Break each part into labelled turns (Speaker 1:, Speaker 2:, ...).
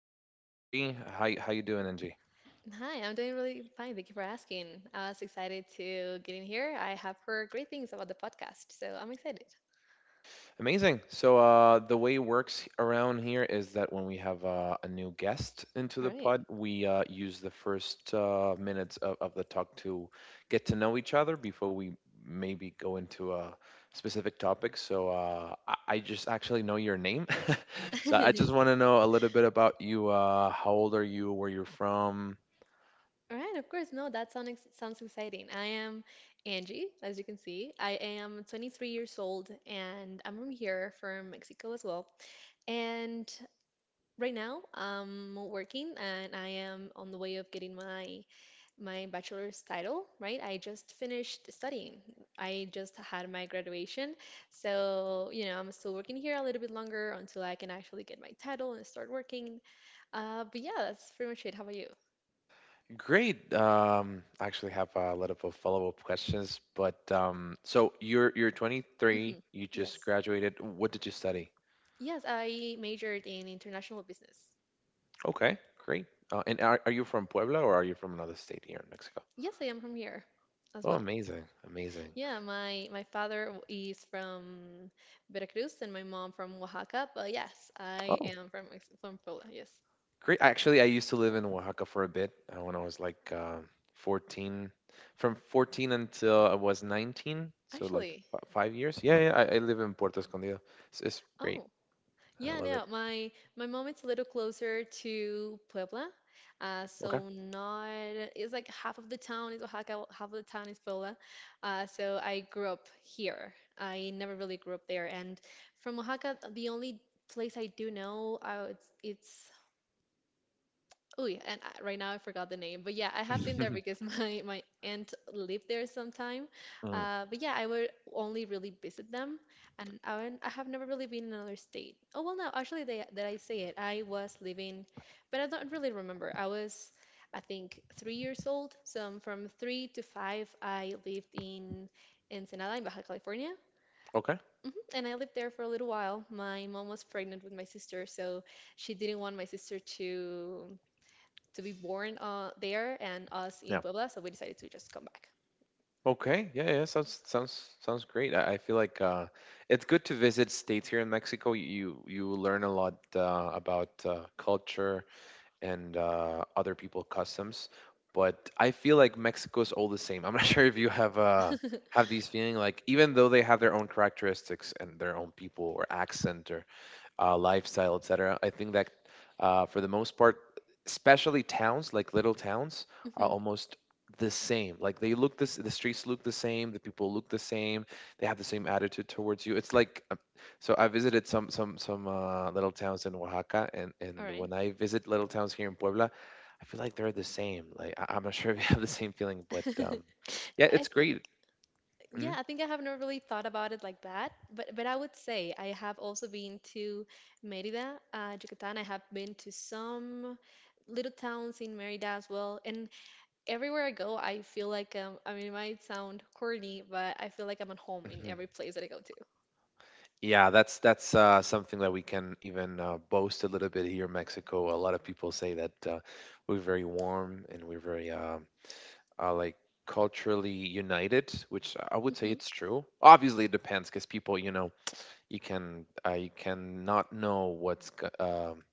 Speaker 1: I'm with Angie. How you doing, Angie?
Speaker 2: Hi, I'm doing really fine. Thank you for asking. I was excited to get in here. I have heard great things about the podcast, so I'm excited.
Speaker 1: Amazing. So the way it works around here is that when we have a new guest into
Speaker 2: All
Speaker 1: the
Speaker 2: right.
Speaker 1: pod, we use the first minutes of the talk to get to know each other before we maybe go into a specific topic. So I just actually know your name, so I just want to know a little bit about you. How old are you? Where you're from?
Speaker 2: All right, of course. No, that sounds exciting. I am Angie, as you can see. I am 23 years old and I'm from here, from Mexico as well. And right now, I'm working and I am on the way of getting my bachelor's title, right? I just finished studying. I just had my graduation. So I'm still working here a little bit longer until I can actually get my title and start working. But yeah, that's pretty much it. How about you?
Speaker 1: Great. I actually have a lot of follow-up questions, but so you're 23.
Speaker 2: Hmm.
Speaker 1: You just
Speaker 2: Yes.
Speaker 1: graduated. What did you study?
Speaker 2: Yes, I majored in international business.
Speaker 1: Okay, great. And are you from Puebla or are you from another state here in Mexico?
Speaker 2: Yes, I am from here as
Speaker 1: Oh,
Speaker 2: well.
Speaker 1: amazing, amazing.
Speaker 2: Yeah, my father is from Veracruz and my mom from Oaxaca, but yes, I
Speaker 1: Oh,
Speaker 2: am from from Puebla. Yes,
Speaker 1: great. Actually, I used to live in Oaxaca for a bit when I was like 14, from 14 until I was 19, so like
Speaker 2: actually,
Speaker 1: f five years. Yeah, yeah. I live in Puerto Escondido. It's great.
Speaker 2: oh
Speaker 1: I
Speaker 2: yeah,
Speaker 1: love it.
Speaker 2: no, my mom is a little closer to Puebla,
Speaker 1: Okay.
Speaker 2: so not it's like half of the town is Oaxaca, half of the town is Puebla. So I grew up here. I never really grew up there, and from Oaxaca, the only place I do know, it's oh yeah, and right now I forgot the name, but yeah, I have been there because my aunt lived there sometime.
Speaker 1: Mm,
Speaker 2: But yeah, I would only really visit them, and I have never really been in another state. Oh well, no, actually, that I say it, I was living, but I don't really remember. I was, I think, 3 years old. So, from 3 to 5, I lived in Ensenada in Baja California.
Speaker 1: okay.
Speaker 2: And I lived there for a little while. My mom was pregnant with my sister, so she didn't want my sister to be born there and us in
Speaker 1: Yeah.
Speaker 2: Puebla, so we decided to just come back.
Speaker 1: Okay. Yeah. Yeah. Sounds great. I feel like it's good to visit states here in Mexico. You learn a lot about culture and other people customs. But I feel like Mexico's all the same. I'm not sure if you have have these feeling like even though they have their own characteristics and their own people or accent lifestyle, etc. I think that for the most part, especially towns like little towns are
Speaker 2: Hmm.
Speaker 1: almost the same. Like they look this, the streets look the same, the people look the same, they have the same attitude towards you. It's like I visited some little towns in Oaxaca, and
Speaker 2: All
Speaker 1: and
Speaker 2: right.
Speaker 1: when I visit little towns here in Puebla. I feel like they're the same. Like I'm not sure if you have the same feeling, but yeah,
Speaker 2: I
Speaker 1: it's
Speaker 2: th
Speaker 1: great.
Speaker 2: Yeah,
Speaker 1: Mm-hmm.
Speaker 2: I think I have not really thought about it like that, but I would say I have also been to Mérida, Yucatán. I have been to some little towns in Mérida as well, and everywhere I go, I feel like I mean, it might sound corny, but I feel like I'm at home in
Speaker 1: Mm-hmm.
Speaker 2: every place that I go to.
Speaker 1: Yeah, that's something that we can even boast a little bit here in Mexico. A lot of people say that we're very warm and we're very like culturally united, which I would say
Speaker 2: Hmm.
Speaker 1: it's true. Obviously, it depends because people, you know, you can you cannot know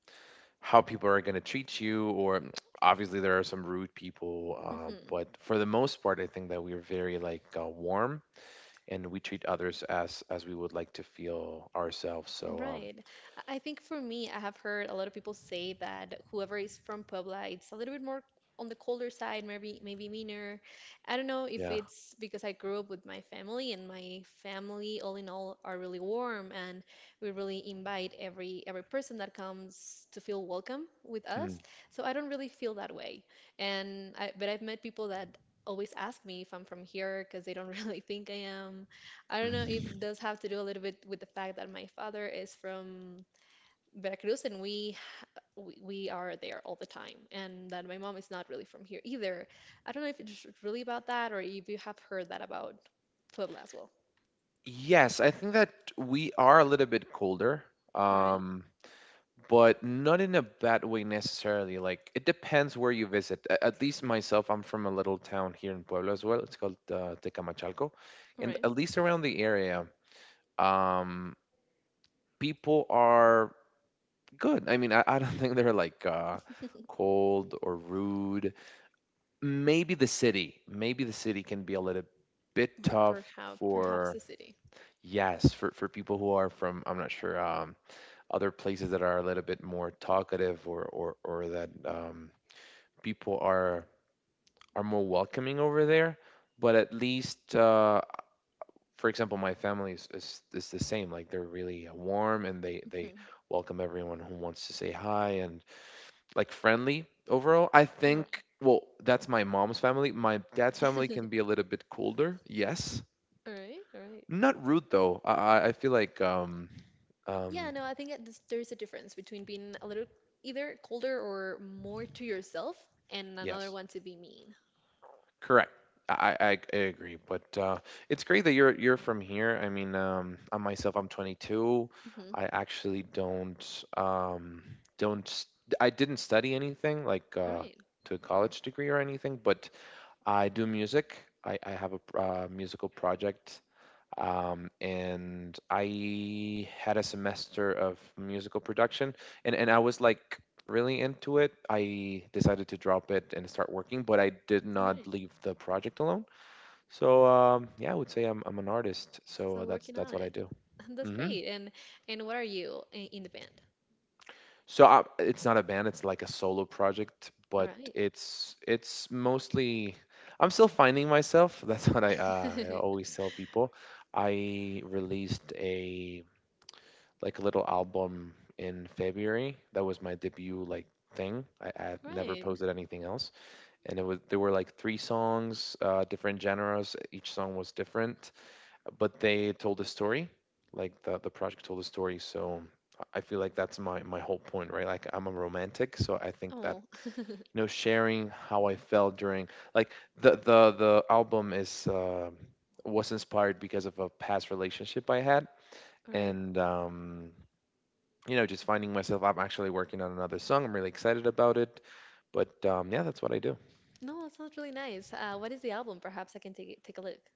Speaker 1: how people are going to treat you, or obviously there are some rude people,
Speaker 2: Hmm.
Speaker 1: but for the most part, I think that we're very like warm and we treat others as we would like to feel ourselves. So
Speaker 2: Right. I think for me, I have heard a lot of people say that whoever is from Puebla, it's a little bit more on the colder side, maybe meaner. I don't know if
Speaker 1: Yeah.
Speaker 2: it's because I grew up with my family and my family, all in all, are really warm and we really invite every person that comes to feel welcome with us.
Speaker 1: Mm.
Speaker 2: So I don't really feel that way. But I've met people that always ask me if I'm from here because they don't really think I am. I don't know if it
Speaker 1: Mm.
Speaker 2: does have to do a little bit with the fact that my father is from Veracruz and we are there all the time, and that my mom is not really from here either. I don't know if it's really about that or if you have heard that about Puebla as well.
Speaker 1: Yes, I think that we are a little bit colder,
Speaker 2: All right,
Speaker 1: um, but not in a bad way necessarily. Like it depends where you visit. At least myself, I'm from a little town here in Puebla as well. It's called Tecamachalco,
Speaker 2: all
Speaker 1: and
Speaker 2: right.
Speaker 1: at least around the area, um, people are good. I mean, I don't think they're like cold or rude. Maybe the city can be a little bit tough
Speaker 2: Perhaps
Speaker 1: for.
Speaker 2: the city.
Speaker 1: Yes, for people who are from, I'm not sure, other places that are a little bit more talkative or that people are more welcoming over there. But at least, for example, my family is the same. Like they're really warm and they
Speaker 2: Mhm.
Speaker 1: welcome everyone who wants to say hi and like friendly overall. I
Speaker 2: All right,
Speaker 1: think. Well, that's my mom's family. My dad's family can be a little bit colder. Yes,
Speaker 2: all right, all right.
Speaker 1: not rude though. I feel like
Speaker 2: Yeah,
Speaker 1: um
Speaker 2: no, I think that there's a difference between being a little either colder or more to yourself and another
Speaker 1: yes
Speaker 2: one to be mean.
Speaker 1: Correct. I agree, but it's great that you're from here. I mean, I myself, I'm 22.
Speaker 2: Mhm.
Speaker 1: I actually don't don't s- I didn't study anything like
Speaker 2: All right,
Speaker 1: to a college degree or anything, but I do music. I have a musical project and I had a semester of musical production, and I was like really into it. I decided to drop it and start working, but I did
Speaker 2: all
Speaker 1: not
Speaker 2: right.
Speaker 1: leave the project alone. So yeah, I would say I'm an artist. So
Speaker 2: Still
Speaker 1: that's
Speaker 2: working
Speaker 1: that's
Speaker 2: on
Speaker 1: what I
Speaker 2: it.
Speaker 1: do.
Speaker 2: That's
Speaker 1: Hmm
Speaker 2: great. And what are you in the band?
Speaker 1: So it's not a band; it's like a solo project, but
Speaker 2: All
Speaker 1: it's mostly. I'm still finding myself. That's what I
Speaker 2: right.
Speaker 1: always tell people. I released a like a little album in February. That was my debut like thing. I've never
Speaker 2: Right.
Speaker 1: posted anything else, and it was there were like three songs, different genres. Each song was different, but they told a story. Like the project told a story, so I feel like that's my whole point, right? Like I'm a romantic, so I think that
Speaker 2: Oh. All
Speaker 1: you know sharing how I felt during like the album is. Was inspired because of a past relationship I had,
Speaker 2: right.
Speaker 1: and you know, just finding myself, I'm actually working on another song. I'm really excited about it. But yeah, that's what I do.
Speaker 2: No, that sounds really nice. What is the album? Perhaps I can take a look.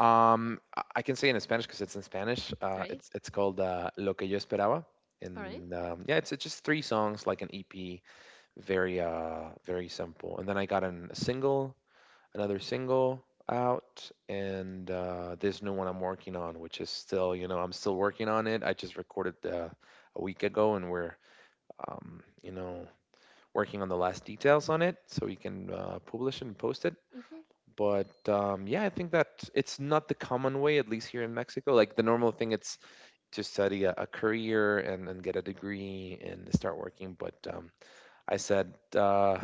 Speaker 1: I can say in Spanish because it's in Spanish.
Speaker 2: All
Speaker 1: Uh,
Speaker 2: right.
Speaker 1: it's it's called Lo que yo esperaba,
Speaker 2: All right.
Speaker 1: and yeah, it's just three songs, like an EP, very very simple. And then I got an, a single, another single out, and this new one I'm working on, which is still, you know, I'm still working on it. I just recorded a week ago, and we're, you know, working on the last details on it so we can publish it and post it.
Speaker 2: Mhm.
Speaker 1: But yeah, I think that it's not the common way, at least here in Mexico. Like the normal thing, it's to study a career and then get a degree and start working. But I said,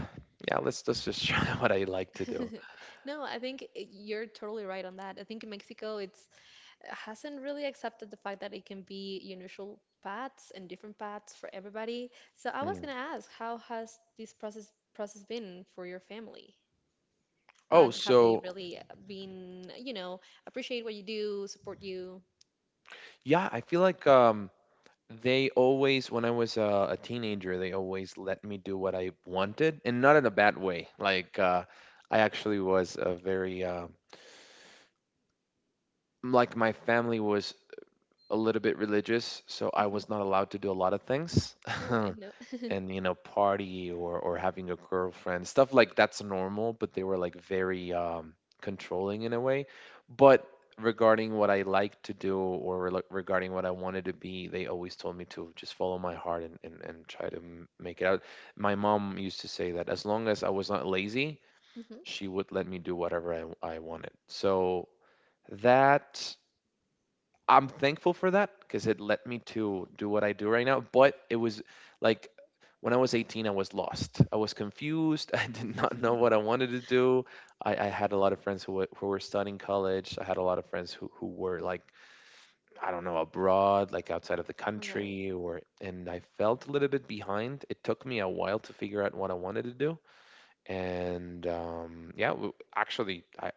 Speaker 1: yeah, let's just try what I like to do.
Speaker 2: No, I think you're totally right on that. I think in Mexico, it's hasn't really accepted the fact that it can be unusual paths and different paths for everybody. So I was
Speaker 1: Mm.
Speaker 2: gonna ask, how has this process been for your family?
Speaker 1: Oh,
Speaker 2: Have they
Speaker 1: so
Speaker 2: really been appreciate what you do, support you?
Speaker 1: yeah, I feel like they always, when I was a teenager, they always let me do what I wanted, and not in a bad way. Like I actually was a very like my family was a little bit religious, so I
Speaker 2: Hmm.
Speaker 1: was not allowed to do a lot of things.
Speaker 2: All right, no.
Speaker 1: and you know, party or having a girlfriend, stuff like that's normal, but they were like very controlling in a way. But regarding what I like to do like, regarding what I wanted to be, they always told me to just follow my heart and try to make it out. My mom used to say that as long as I was not lazy,
Speaker 2: Hmm.
Speaker 1: she would let me do whatever I wanted. So that I'm thankful for that because it led me to do what I do right now. But it was like when I was 18, I was lost. I was confused. I did not know what I wanted to do. I had a lot of friends who were studying college. I had a lot of friends who were like, I don't know, abroad, like outside of the
Speaker 2: All right.
Speaker 1: country, or and I felt a little bit behind. It took me a while to figure out what I wanted to do. And yeah, actually, I,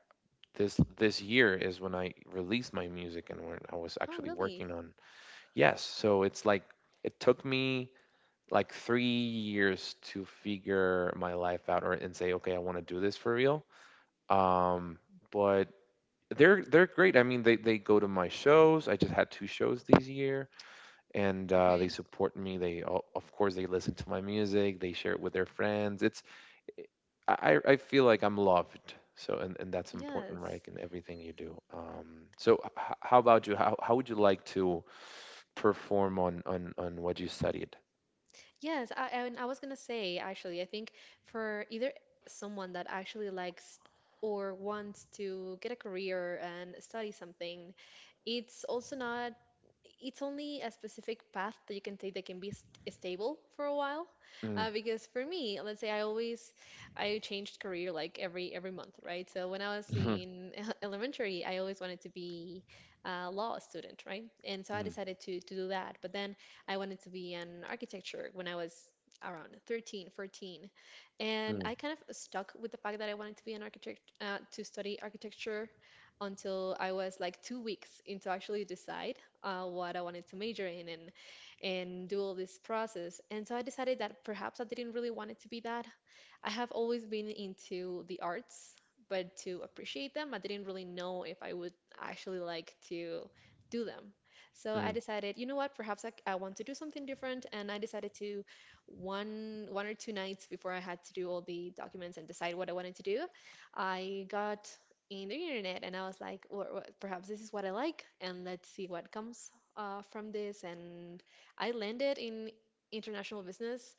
Speaker 1: this year is when I released my music and when I was
Speaker 2: Oh,
Speaker 1: actually
Speaker 2: really?
Speaker 1: working on Yes, so it's like it took me like three years to figure my life out or and say, okay, I want to do this for real. Um, but they're great. I mean, they go to my shows. I just had two shows this year, and
Speaker 2: All
Speaker 1: they
Speaker 2: right.
Speaker 1: support me. They of course they listen to my music. They share it with their friends. It's I feel like I'm loved. So, and that's important,
Speaker 2: Yes.
Speaker 1: right? In everything you do. How about you? How would you like to perform on what you studied?
Speaker 2: Yes, and I was gonna say actually, I think for either someone that actually likes or wants to get a career and study something, it's also not, it's only a specific path that you can take that can be st stable for a while.
Speaker 1: Mm,
Speaker 2: Because for me, let's say I changed career like every month, right? So when I was
Speaker 1: mhm,
Speaker 2: in elementary, I always wanted to be a law student, right? And so I
Speaker 1: mm,
Speaker 2: decided to do that, but then. I wanted to be in architecture when I was around 13, 14. And
Speaker 1: mm,
Speaker 2: I kind of stuck with the fact that I wanted to be an architect, to study architecture until I was like 2 weeks into actually decide what I wanted to major in and do all this process. And so I decided that perhaps I didn't really want it to be that. I have always been into the arts, but to appreciate them, I didn't really know if I would actually like to do them. So I
Speaker 1: mm.
Speaker 2: decided, you know what, perhaps I want to do something different, and I decided to one or two nights before I had to do all the documents and decide what I wanted to do, I got in the internet and I was like, or perhaps this is what I like, and let's see what comes from this. And I landed in international business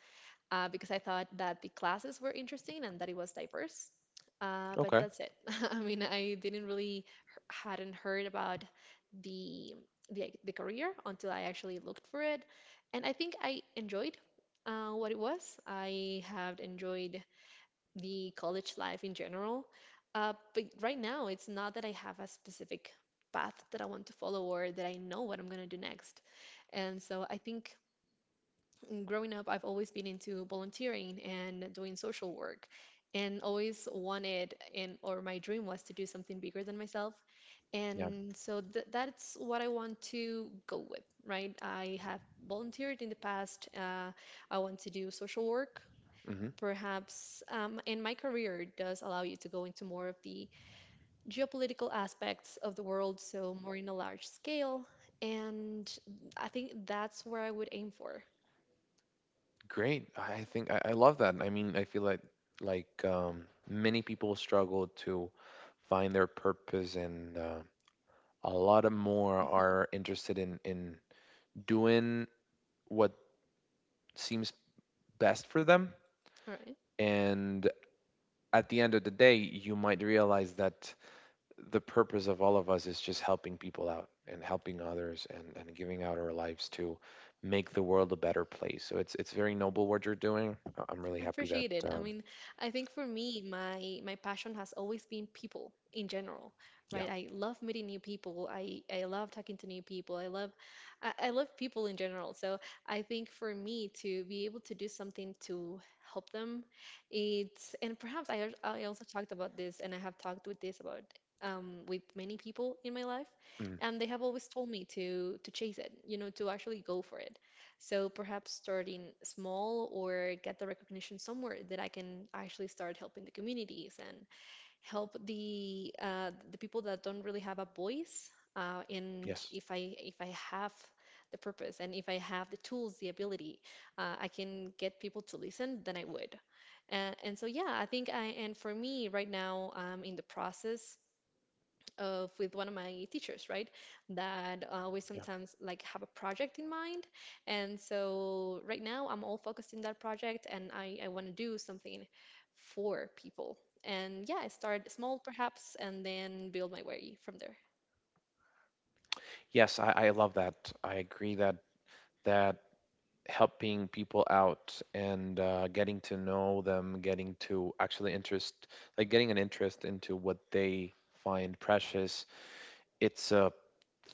Speaker 2: because I thought that the classes were interesting and that it was diverse. But
Speaker 1: Okay.
Speaker 2: that's it. I mean, I didn't really hadn't heard about the, the career until I actually looked for it, and I think I enjoyed what it was. I have enjoyed the college life in general, but right now it's not that I have a specific path that I want to follow or that I know what I'm gonna do next. And so I think growing up, I've always been into volunteering and doing social work and always wanted and or my dream was to do something bigger than myself.
Speaker 1: Yeah.
Speaker 2: And so th that's what I want to go with, right? I have volunteered in the past. I want to do social work.
Speaker 1: hmm
Speaker 2: Perhaps, and my career does allow you to go into more of the geopolitical aspects of the world, so more in a large scale. And I think that's where I would aim for.
Speaker 1: Great. I love that. I mean, I feel like many people struggle to find their purpose, and a lot of more
Speaker 2: Mhm.
Speaker 1: are interested in doing what seems best for them
Speaker 2: All right.
Speaker 1: and at the end of the day, you might realize that the purpose of all of us is just helping people out and helping others and giving out our lives to make the world a better place. So it's very noble what you're doing. I'm really
Speaker 2: I
Speaker 1: happy that
Speaker 2: appreciate it. I mean, I think for me, my passion has always been people in general,
Speaker 1: yeah,
Speaker 2: right? I love meeting new people. I love talking to new people. I love people in general. So I think for me to be able to do something to help them, it's and perhaps I also talked about this and I have talked with this about with many people in my life,
Speaker 1: mm,
Speaker 2: and they have always told me to chase it, you know, to actually go for it. So perhaps starting small or get the recognition somewhere that I can actually start helping the communities and help the people that don't really have a voice. And
Speaker 1: yes,
Speaker 2: if I have the purpose and if I have the tools, the ability, I can get people to listen, then I would. And so yeah, I think I and for me right now, I'm in the process of with one of my teachers, right? That we
Speaker 1: yeah,
Speaker 2: sometimes like have a project in mind, and so right now I'm all focused in that project, and I want to do something for people. And yeah, I start small perhaps, and then build my way from there.
Speaker 1: yes. I love that. I agree that that helping people out and getting to know them, getting to actually interest, like getting an interest into what they find precious. It's a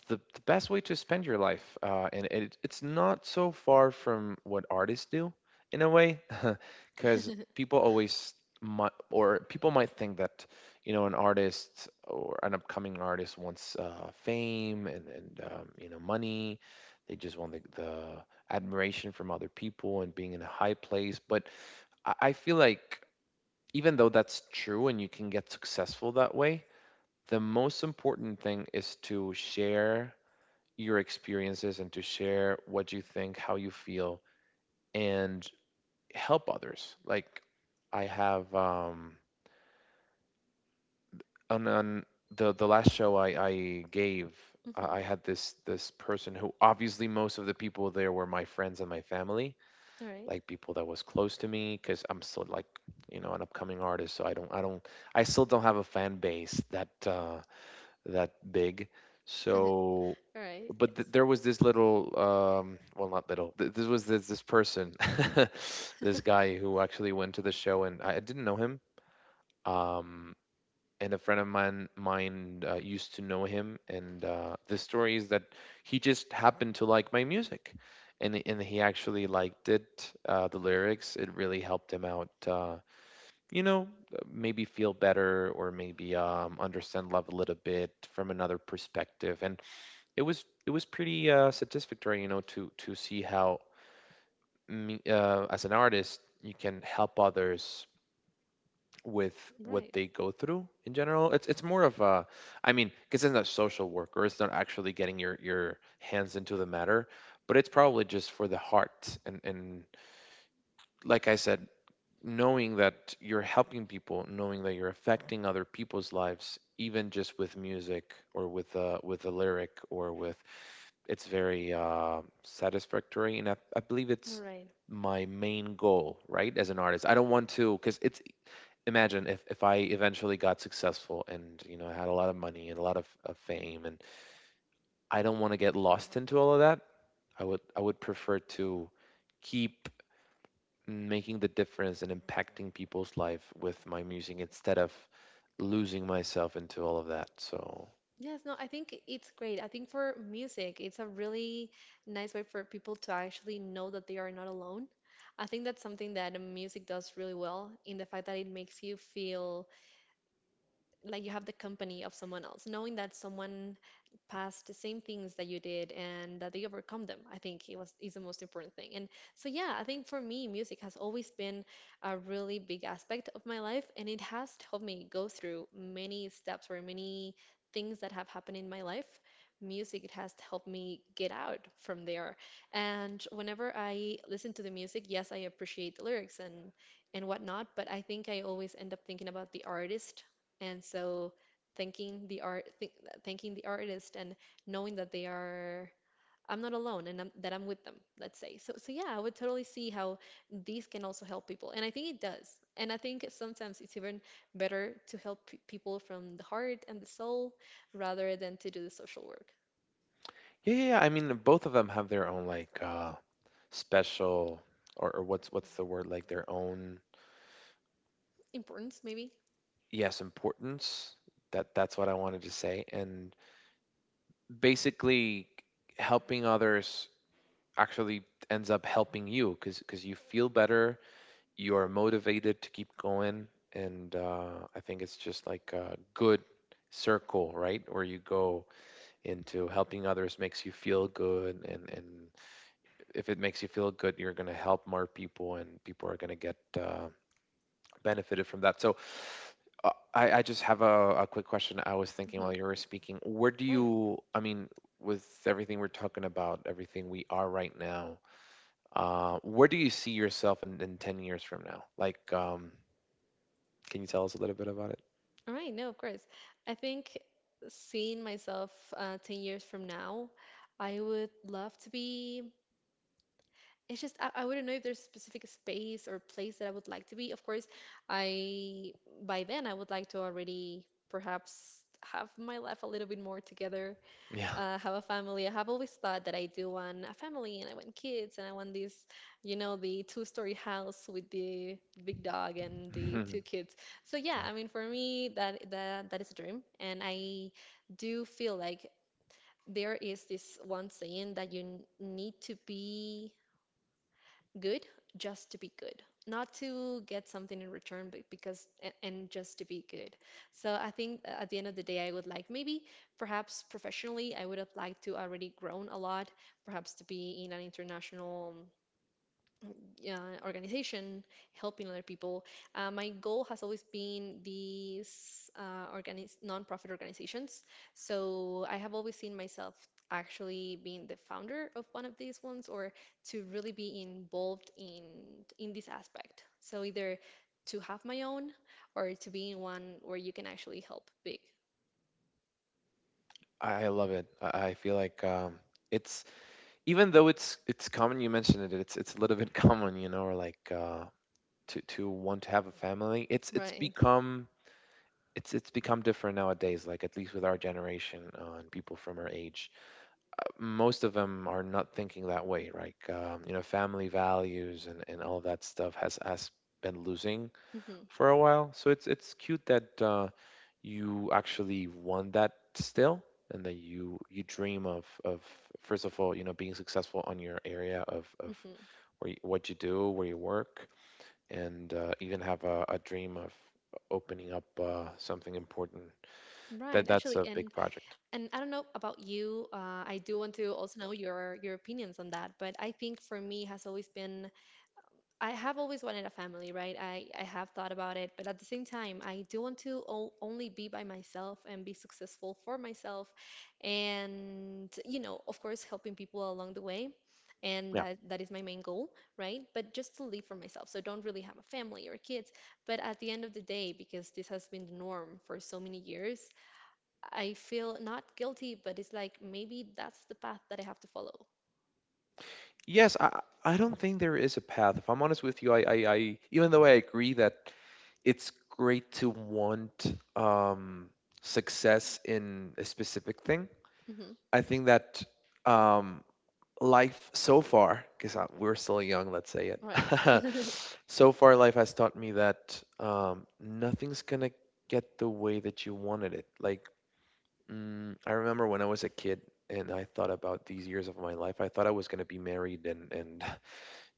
Speaker 1: the best way to spend your life, and it's not so far from what artists do in a way, because people always might, or people might think that you know an artist or an upcoming artist wants fame and you know money. They just want the admiration from other people and being in a high place. But I feel like even though that's true and you can get successful that way, the most important thing is to share your experiences and to share what you think, how you feel, and help others. Like I have on the last show I gave, I
Speaker 2: Mhm.
Speaker 1: I had this person who obviously most of the people there were my friends and my family,
Speaker 2: All right.
Speaker 1: like people that was close to me, because I'm still like you know an upcoming artist, so I don't I don't I still don't have a fan base that that big. So,
Speaker 2: All right.
Speaker 1: but
Speaker 2: Yes.
Speaker 1: there was this little, well, not little. This was this person, this guy who actually went to the show, and I didn't know him. Um, and a friend of mine used to know him, and the story is that he just happened to like my music, and he actually liked it, the lyrics. It really helped him out. You know, Maybe feel better or maybe understand love a little bit from another perspective. And it was pretty satisfactory, you know, to see how me, as an artist you can help others with what
Speaker 2: Right.
Speaker 1: they go through in general. It's more of a, I mean, because it's not social work or it's not actually getting your hands into the matter, but it's probably just for the heart and, like I said, knowing that you're helping people, knowing that you're affecting other people's lives, even just with music or with a lyric or with, it's very satisfactory, and I believe
Speaker 2: All
Speaker 1: it's
Speaker 2: right.
Speaker 1: my main goal, right? As an artist, I don't want to because it's imagine if I eventually got successful and you know I had a lot of money and a lot of fame, and I don't want to get lost into all of that. I would prefer to keep making the difference and impacting people's life with my music instead of losing myself into all of that. So
Speaker 2: Yes, no, I think it's great. I think for music, it's a really nice way for people to actually know that they are not alone. I think that's something that music does really well in the fact that it makes you feel like you have the company of someone else, knowing that someone past the same things that you did and that they overcome them. I think it was is the most important thing. And So yeah, I think for me music has always been a really big aspect of my life, and it has helped me go through many steps or many things that have happened in my life. Music, it has helped me get out from there. And whenever I listen to the music, yes, I appreciate the lyrics and whatnot, but I think I always end up thinking about the artist, and so thanking thanking the artist and knowing that they are— I'm not alone and that I'm with them, let's say. So yeah, I would totally see how these can also help people, and I think it does. And I think sometimes it's even better to help people from the heart and the soul rather than to do the social work.
Speaker 1: yeah, yeah, yeah. I mean both of them have their own like special or what's the word like their own.
Speaker 2: Importance, maybe.
Speaker 1: Yes, importance. That that's what I wanted to say. And basically helping others actually ends up helping you because you feel better, you are motivated to keep going, and I think it's just like a good circle, right, where you go into helping others makes you feel good, and if it makes you feel good you're going to help more people and people are going to get benefited from that. So I just have a quick question. I was thinking
Speaker 2: Hmm.
Speaker 1: while you were speaking, where do
Speaker 2: Right.
Speaker 1: you, I mean, with everything we're talking about, everything we are right now, where do you see yourself in 10 years from now, like can you tell us a little bit about it?
Speaker 2: All right, no, of course. I think seeing myself 10 years from now, I would love to be— it's just, I wouldn't know if there's specific space or place that I would like to be. Of course, I, by then, I would like to already perhaps have my life a little bit more together,
Speaker 1: Yeah.
Speaker 2: have a family. I have always thought that I do want a family, and I want kids, and I want this, you know, the two-story house with the big dog and the
Speaker 1: Mhm.
Speaker 2: two kids. So yeah,
Speaker 1: Yeah.
Speaker 2: I mean for me, that is a dream. And I do feel like there is this one saying that you need to be good just to be good, not to get something in return, but and just to be good. So I think at the end of the day, I would like, maybe perhaps professionally, I would have liked to already grown a lot, perhaps to be in an international organization, helping other people. My goal has always been these nonprofit organizations. So I have always seen myself actually being the founder of one of these ones, or to really be involved in this aspect. So either to have my own or to be in one where you can actually help big.
Speaker 1: I love it. I feel like it's even though it's common, you mentioned it, it's a little bit common, you know, or like to want to have a family. It's
Speaker 2: Right.
Speaker 1: become it's become different nowadays. Like at least with our generation, and people from our age, most of them are not thinking that way. Right, you know, family values and all that stuff has been losing
Speaker 2: Hmm.
Speaker 1: for a while. So it's cute that you actually want that still, and that you dream of, first of all, you know, being successful on your area of
Speaker 2: Hmm.
Speaker 1: where you, what you do, where you work, and even have a dream of opening up something important. That
Speaker 2: Right.
Speaker 1: that's
Speaker 2: Actually,
Speaker 1: a big
Speaker 2: and—
Speaker 1: project.
Speaker 2: and I don't know about you. I do want to also know your opinions on that. But I think for me has always been— I have always wanted a family, right? I have thought about it, but at the same time, I do want to o only be by myself and be successful for myself, and you know, of course, helping people along the way. And
Speaker 1: Yeah.
Speaker 2: that that is my main goal, right? But just to live for myself. So don't really have a family or kids. But at the end of the day, because this has been the norm for so many years, I feel not guilty, but it's like maybe that's the path that I have to follow.
Speaker 1: Yes, I don't think there is a path. If I'm honest with you, I, even though I agree that it's great to want success in a specific thing.
Speaker 2: Hmm.
Speaker 1: I think that um, life so far, because we're still young, let's say it.
Speaker 2: Right.
Speaker 1: So far, life has taught me that nothing's gonna get the way that you wanted it. Like, I remember when I was a kid and I thought about these years of my life, I thought I was gonna be married and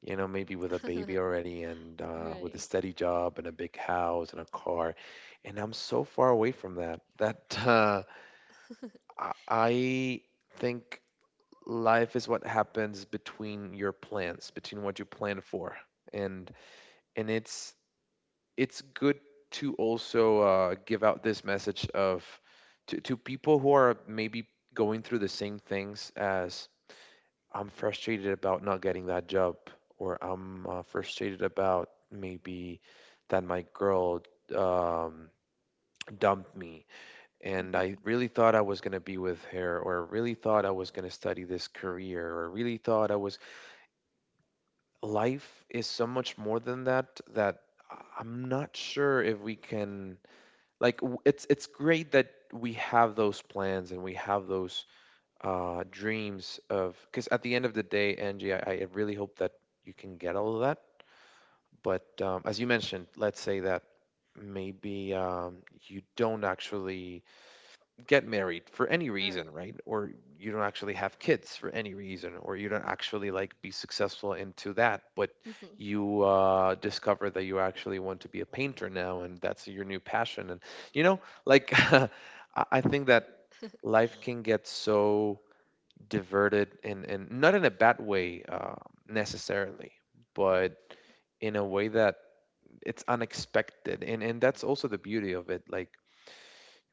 Speaker 1: you know, maybe with a baby already and with a
Speaker 2: Right.
Speaker 1: steady job and a big house and a car. And I'm so far away from that that I I think life is what happens between your plans, between what you plan for. And and it's good to also give out this message of to people who are maybe going through the same things as I'm frustrated about not getting that job, or I'm frustrated about maybe that my girl um, dumped me, and I
Speaker 2: Mm-hmm.
Speaker 1: really thought I was gonna be with her, or really thought I was gonna study this career, or really thought I was. Life is so much more than that. I am not sure if we can like it's great that we have those plans and we have those dreams of, because at the end of the day, Angie, I really hope that you can get all of that. But as you mentioned, let's say that maybe you don't actually get married for any
Speaker 2: All
Speaker 1: reason,
Speaker 2: right.
Speaker 1: right? Or you don't actually have kids for any reason, or you don't actually like be successful into that, but
Speaker 2: Mm-hmm.
Speaker 1: you discover that you actually want to be a painter now, and that's your new passion. And you know, like I think that life can get so diverted in not in a bad way necessarily, but in a way that it's unexpected. And that's also the beauty of it. Like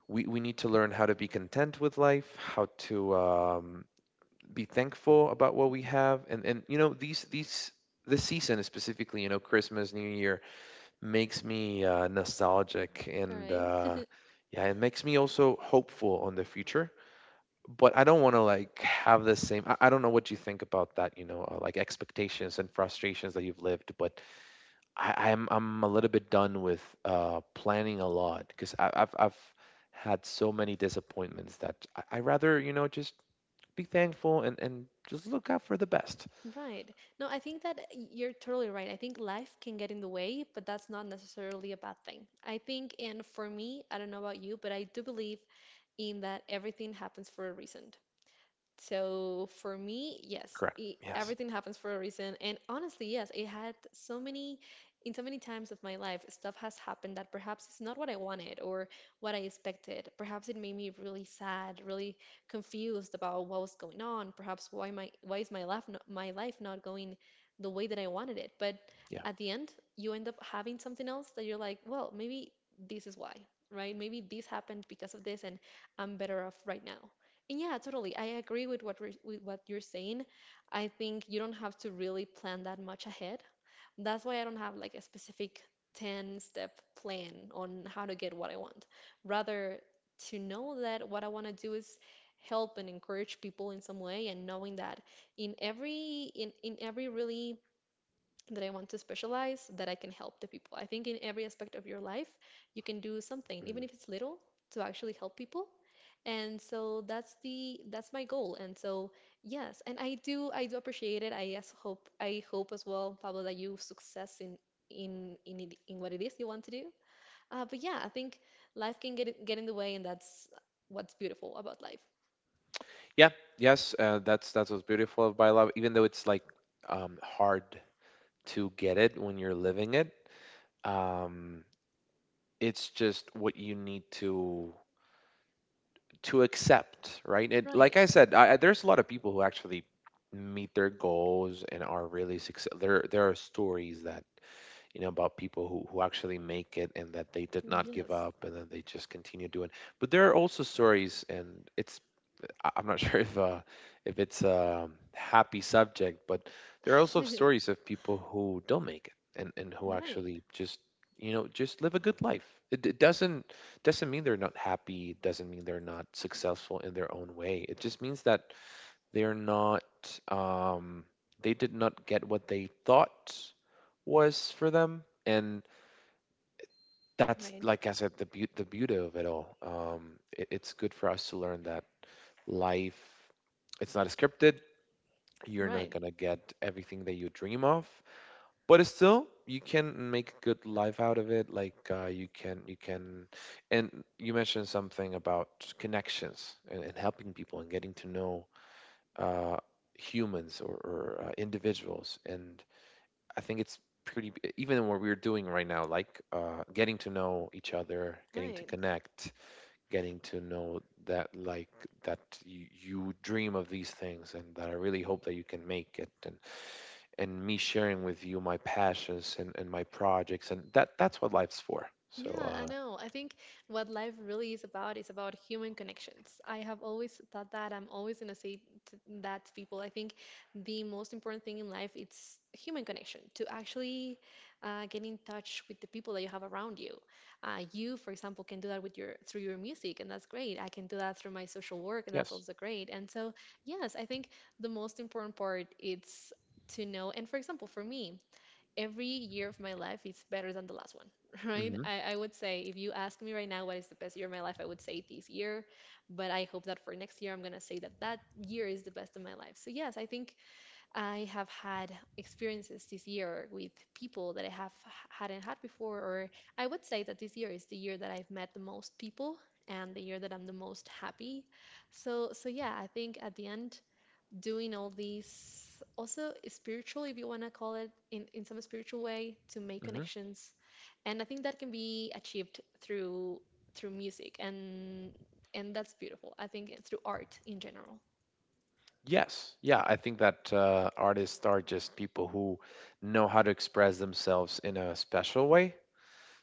Speaker 1: we need to learn how to be content with life, how to be thankful about what we
Speaker 2: Mm-hmm.
Speaker 1: have. And you know these this season specifically, you know, Christmas, New Year makes me nostalgic
Speaker 2: All
Speaker 1: and
Speaker 2: right.
Speaker 1: yeah, it makes me also hopeful on the future, but I don't want to like have the same. I don't know what you think about that, you know, like expectations and frustrations that you've lived. But I'm a little bit done with planning a lot because I've had so many disappointments that I rather you know just be thankful and just look out for the best.
Speaker 2: Right. No, I think that you're totally right. I think life can get in the way, but that's not necessarily a bad thing. I think, and for me, I don't know about you, but I do believe in that everything happens for a reason. So for me, yes,
Speaker 1: Correct.
Speaker 2: it,
Speaker 1: Yes.
Speaker 2: everything happens for a reason. And honestly, yes, it had so many, in so many times of my life, stuff has happened that perhaps it's not what I wanted or what I expected. Perhaps it made me really sad, really confused about what was going on. Perhaps why is my life not going the way that I wanted it. But
Speaker 1: Yeah.
Speaker 2: at the end, you end up having something else that you're like, well, maybe this is why, right? Maybe this happened because of this, and I'm better off right now. Yeah, totally. I agree with with what you're saying. I think you don't have to really plan that much ahead. That's why I don't have like a specific 10 step plan on how to get what I want. Rather, to know that what I want to do is help and encourage people in some way, and knowing that in every really that I want to specialize that I can help the people. I think in every aspect of your life, you can do something, even
Speaker 1: Mm.
Speaker 2: if it's little, to actually help people. And so that's the that's my goal. And so yes, and I do appreciate it. I hope as well, Pablo, that you success in in it, in what it is you want to do. But yeah, I think life can get in the way, and that's what's beautiful about life.
Speaker 1: Yeah. Yes. That's what's beautiful of love, even though it's like hard to get it when you're living it. Um, it's just what you need to accept, right? It, like
Speaker 2: Right.
Speaker 1: I said, there's a lot of people who actually meet their goals and are really successful. There are stories that you know about people who actually make it and that they did not give
Speaker 2: Yes.
Speaker 1: up and that they just continue doing, but there are also stories, and it's I'm not sure if it's a happy subject, but there are also stories of people who don't make it and who
Speaker 2: Right.
Speaker 1: actually just you know just live a good life. It doesn't mean they're not happy. Doesn't mean they're not successful in their own way. It just means that they're not um, they did not get what they thought was for them, and that's,
Speaker 2: Right.
Speaker 1: like I said, the beauty, of it all. It's good for us to learn that life, it's not scripted. You're not
Speaker 2: Right.
Speaker 1: going to get everything that you dream of, but still you can make a good life out of it. Like you can, and you mentioned something about connections and helping people and getting to know uh, humans or individuals. And I think it's pretty, even what we're doing right now, like getting to know each other, getting to
Speaker 2: Right.
Speaker 1: connect, getting to know that like that you dream of these things and that I really hope that you can make it. And me sharing with you my passions and my projects and that's what life's for. So
Speaker 2: Yeah, I know. I think what life really is about human connections. I have always thought that. I'm always gonna say to that to people. I think the most important thing in life it's human connection. To actually get in touch with the people that you have around you. You, for example, can do that with your through your music, and that's great. I can do that through my social work, and that's
Speaker 1: yes
Speaker 2: also great. And so, yes, I think the most important part it's to know. And for example, for me every year of my life is better than the last one, right?
Speaker 1: hmm
Speaker 2: I would say if you ask me right now what is the best year of my life, I would say this year, but I hope that for next year I'm gonna say that that year is the best of my life. So yes, I think I have had experiences this year with people that I have hadn't had before, or I would say that this year is the year that I've met the most people, and the year that I'm the most happy. So yeah, I think at the end, doing all these also spiritual if you want to call it in some spiritual way to make
Speaker 1: hmm
Speaker 2: connections. And I think that can be achieved through music and that's beautiful. I think through art in general.
Speaker 1: yes yeah I think that artists are just people who know how to express themselves in a special way.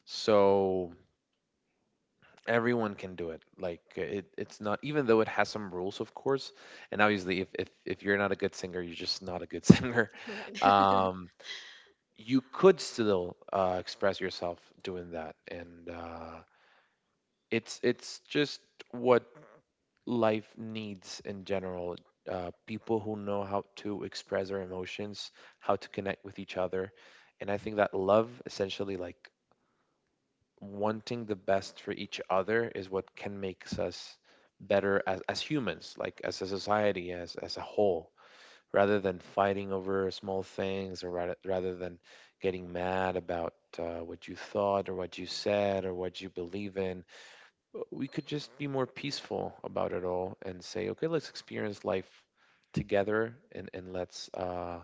Speaker 1: So everyone can do it. Like it's not, even though it has some rules, of course, and obviously if you're not a good singer, you're just not a good singer.
Speaker 2: right.
Speaker 1: um you could still express yourself doing that and it's just what life needs in general. People who know how to express their emotions, how to connect with each other, and I think that love, essentially, like wanting the best for each other, is what can makes us better as humans, like as a society, as a whole, rather than fighting over small things, or rather than getting mad about what you thought or what you said or what you believe in, we could just be more peaceful about it all and say, okay, let's experience life together and let's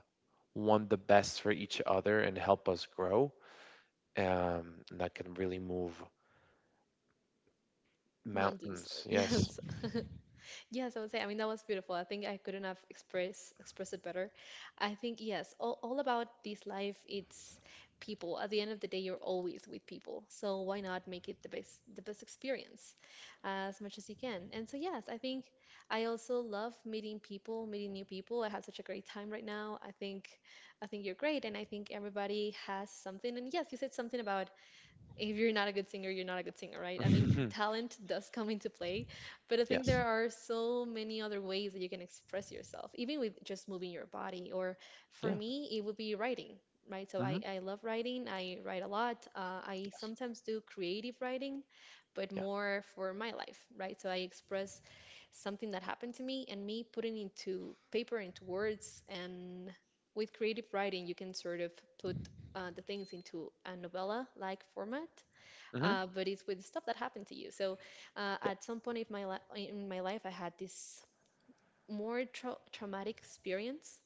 Speaker 1: want the best for each other and help us grow. And that can really move
Speaker 2: mountains,
Speaker 1: mountains. Yes.
Speaker 2: yes. Yes, I would say. I mean, that was beautiful. I think I couldn't have expressed it better. I think yes, all about this life, it's people. At the end of the day, you're always with people. So why not make it the best experience as much as you can? And so yes, I think I also love meeting people, meeting new people. I had such a great time right now. I think you're great, and I think everybody has something. And yes, you said something about if you're not a good singer, you're not a good singer, right? I mean, talent does come into play, but I think
Speaker 1: Yes.
Speaker 2: there are so many other ways that you can express yourself, even with just moving your body. Or for
Speaker 1: Yeah.
Speaker 2: me, it would be writing, right? So I,
Speaker 1: hmm
Speaker 2: I love writing. I write a lot. I
Speaker 1: Yes.
Speaker 2: sometimes do creative writing, but
Speaker 1: Yeah.
Speaker 2: more for my life, right? So I express something that happened to me and me putting into paper, into words, and with creative writing, you can sort of put the things into a novella-like format,
Speaker 1: hmm
Speaker 2: but it's with stuff that happened to you. So at some point in my in my life, I had this more traumatic experience,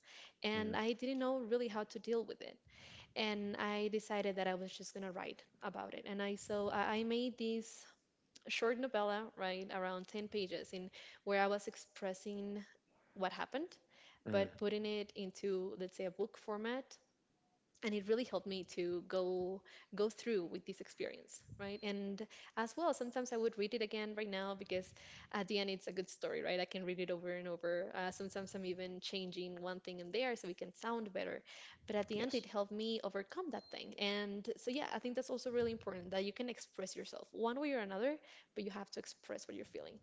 Speaker 1: Yeah.
Speaker 2: and
Speaker 1: mm
Speaker 2: I didn't know really how to deal with it. And I decided that I was just gonna write about it. And I so I made this short novella, right, around 10 pages, in where I was expressing what happened,
Speaker 1: Mm.
Speaker 2: but putting it into, let's say, a book format. And it really helped me to go through with this experience, right? And as well, sometimes I would read it again right now because at the end it's a good story, right? I can read it over and over. Uh, sometimes I'm even changing one thing in there so it can sound better. But at the end, it
Speaker 1: Yes.
Speaker 2: helped me overcome that thing. And so yeah, I think that's also really important, that you can express yourself one way or another, but you have to express what you're feeling.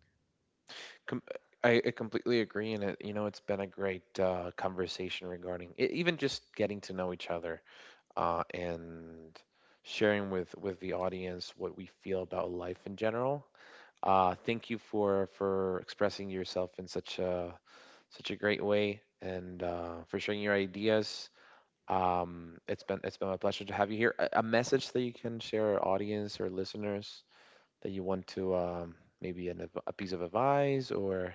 Speaker 1: Com- I completely agree. And it, you know, it's been a great conversation regarding even just getting to know each other, and sharing with the audience what we feel about life in general. Thank you for expressing yourself in such a great way and for sharing your ideas. It's been my pleasure to have you here. A message that you can share our audience or listeners that you want to maybe a piece of advice or.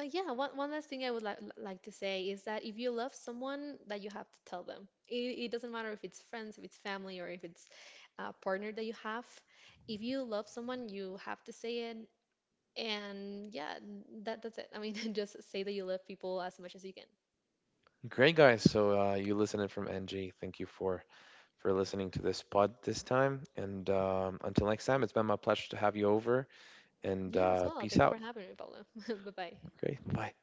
Speaker 2: Yeah, one last thing I would like to say is that if you love someone, that you have to tell them. It doesn't matter if it's friends, if it's family, or if it's a partner that you have. If you love someone, you have to say it. And yeah, that that's it. I mean, just say that you love people as much as you can.
Speaker 1: Great guys. So you listening from NG. Thank you for listening to this pod this time. And until next time, it's been my pleasure to have you over. And
Speaker 2: Yeah, as well.
Speaker 1: peace
Speaker 2: Thank you for
Speaker 1: out.
Speaker 2: having me, Pablo. Bye bye.
Speaker 1: Great. Bye.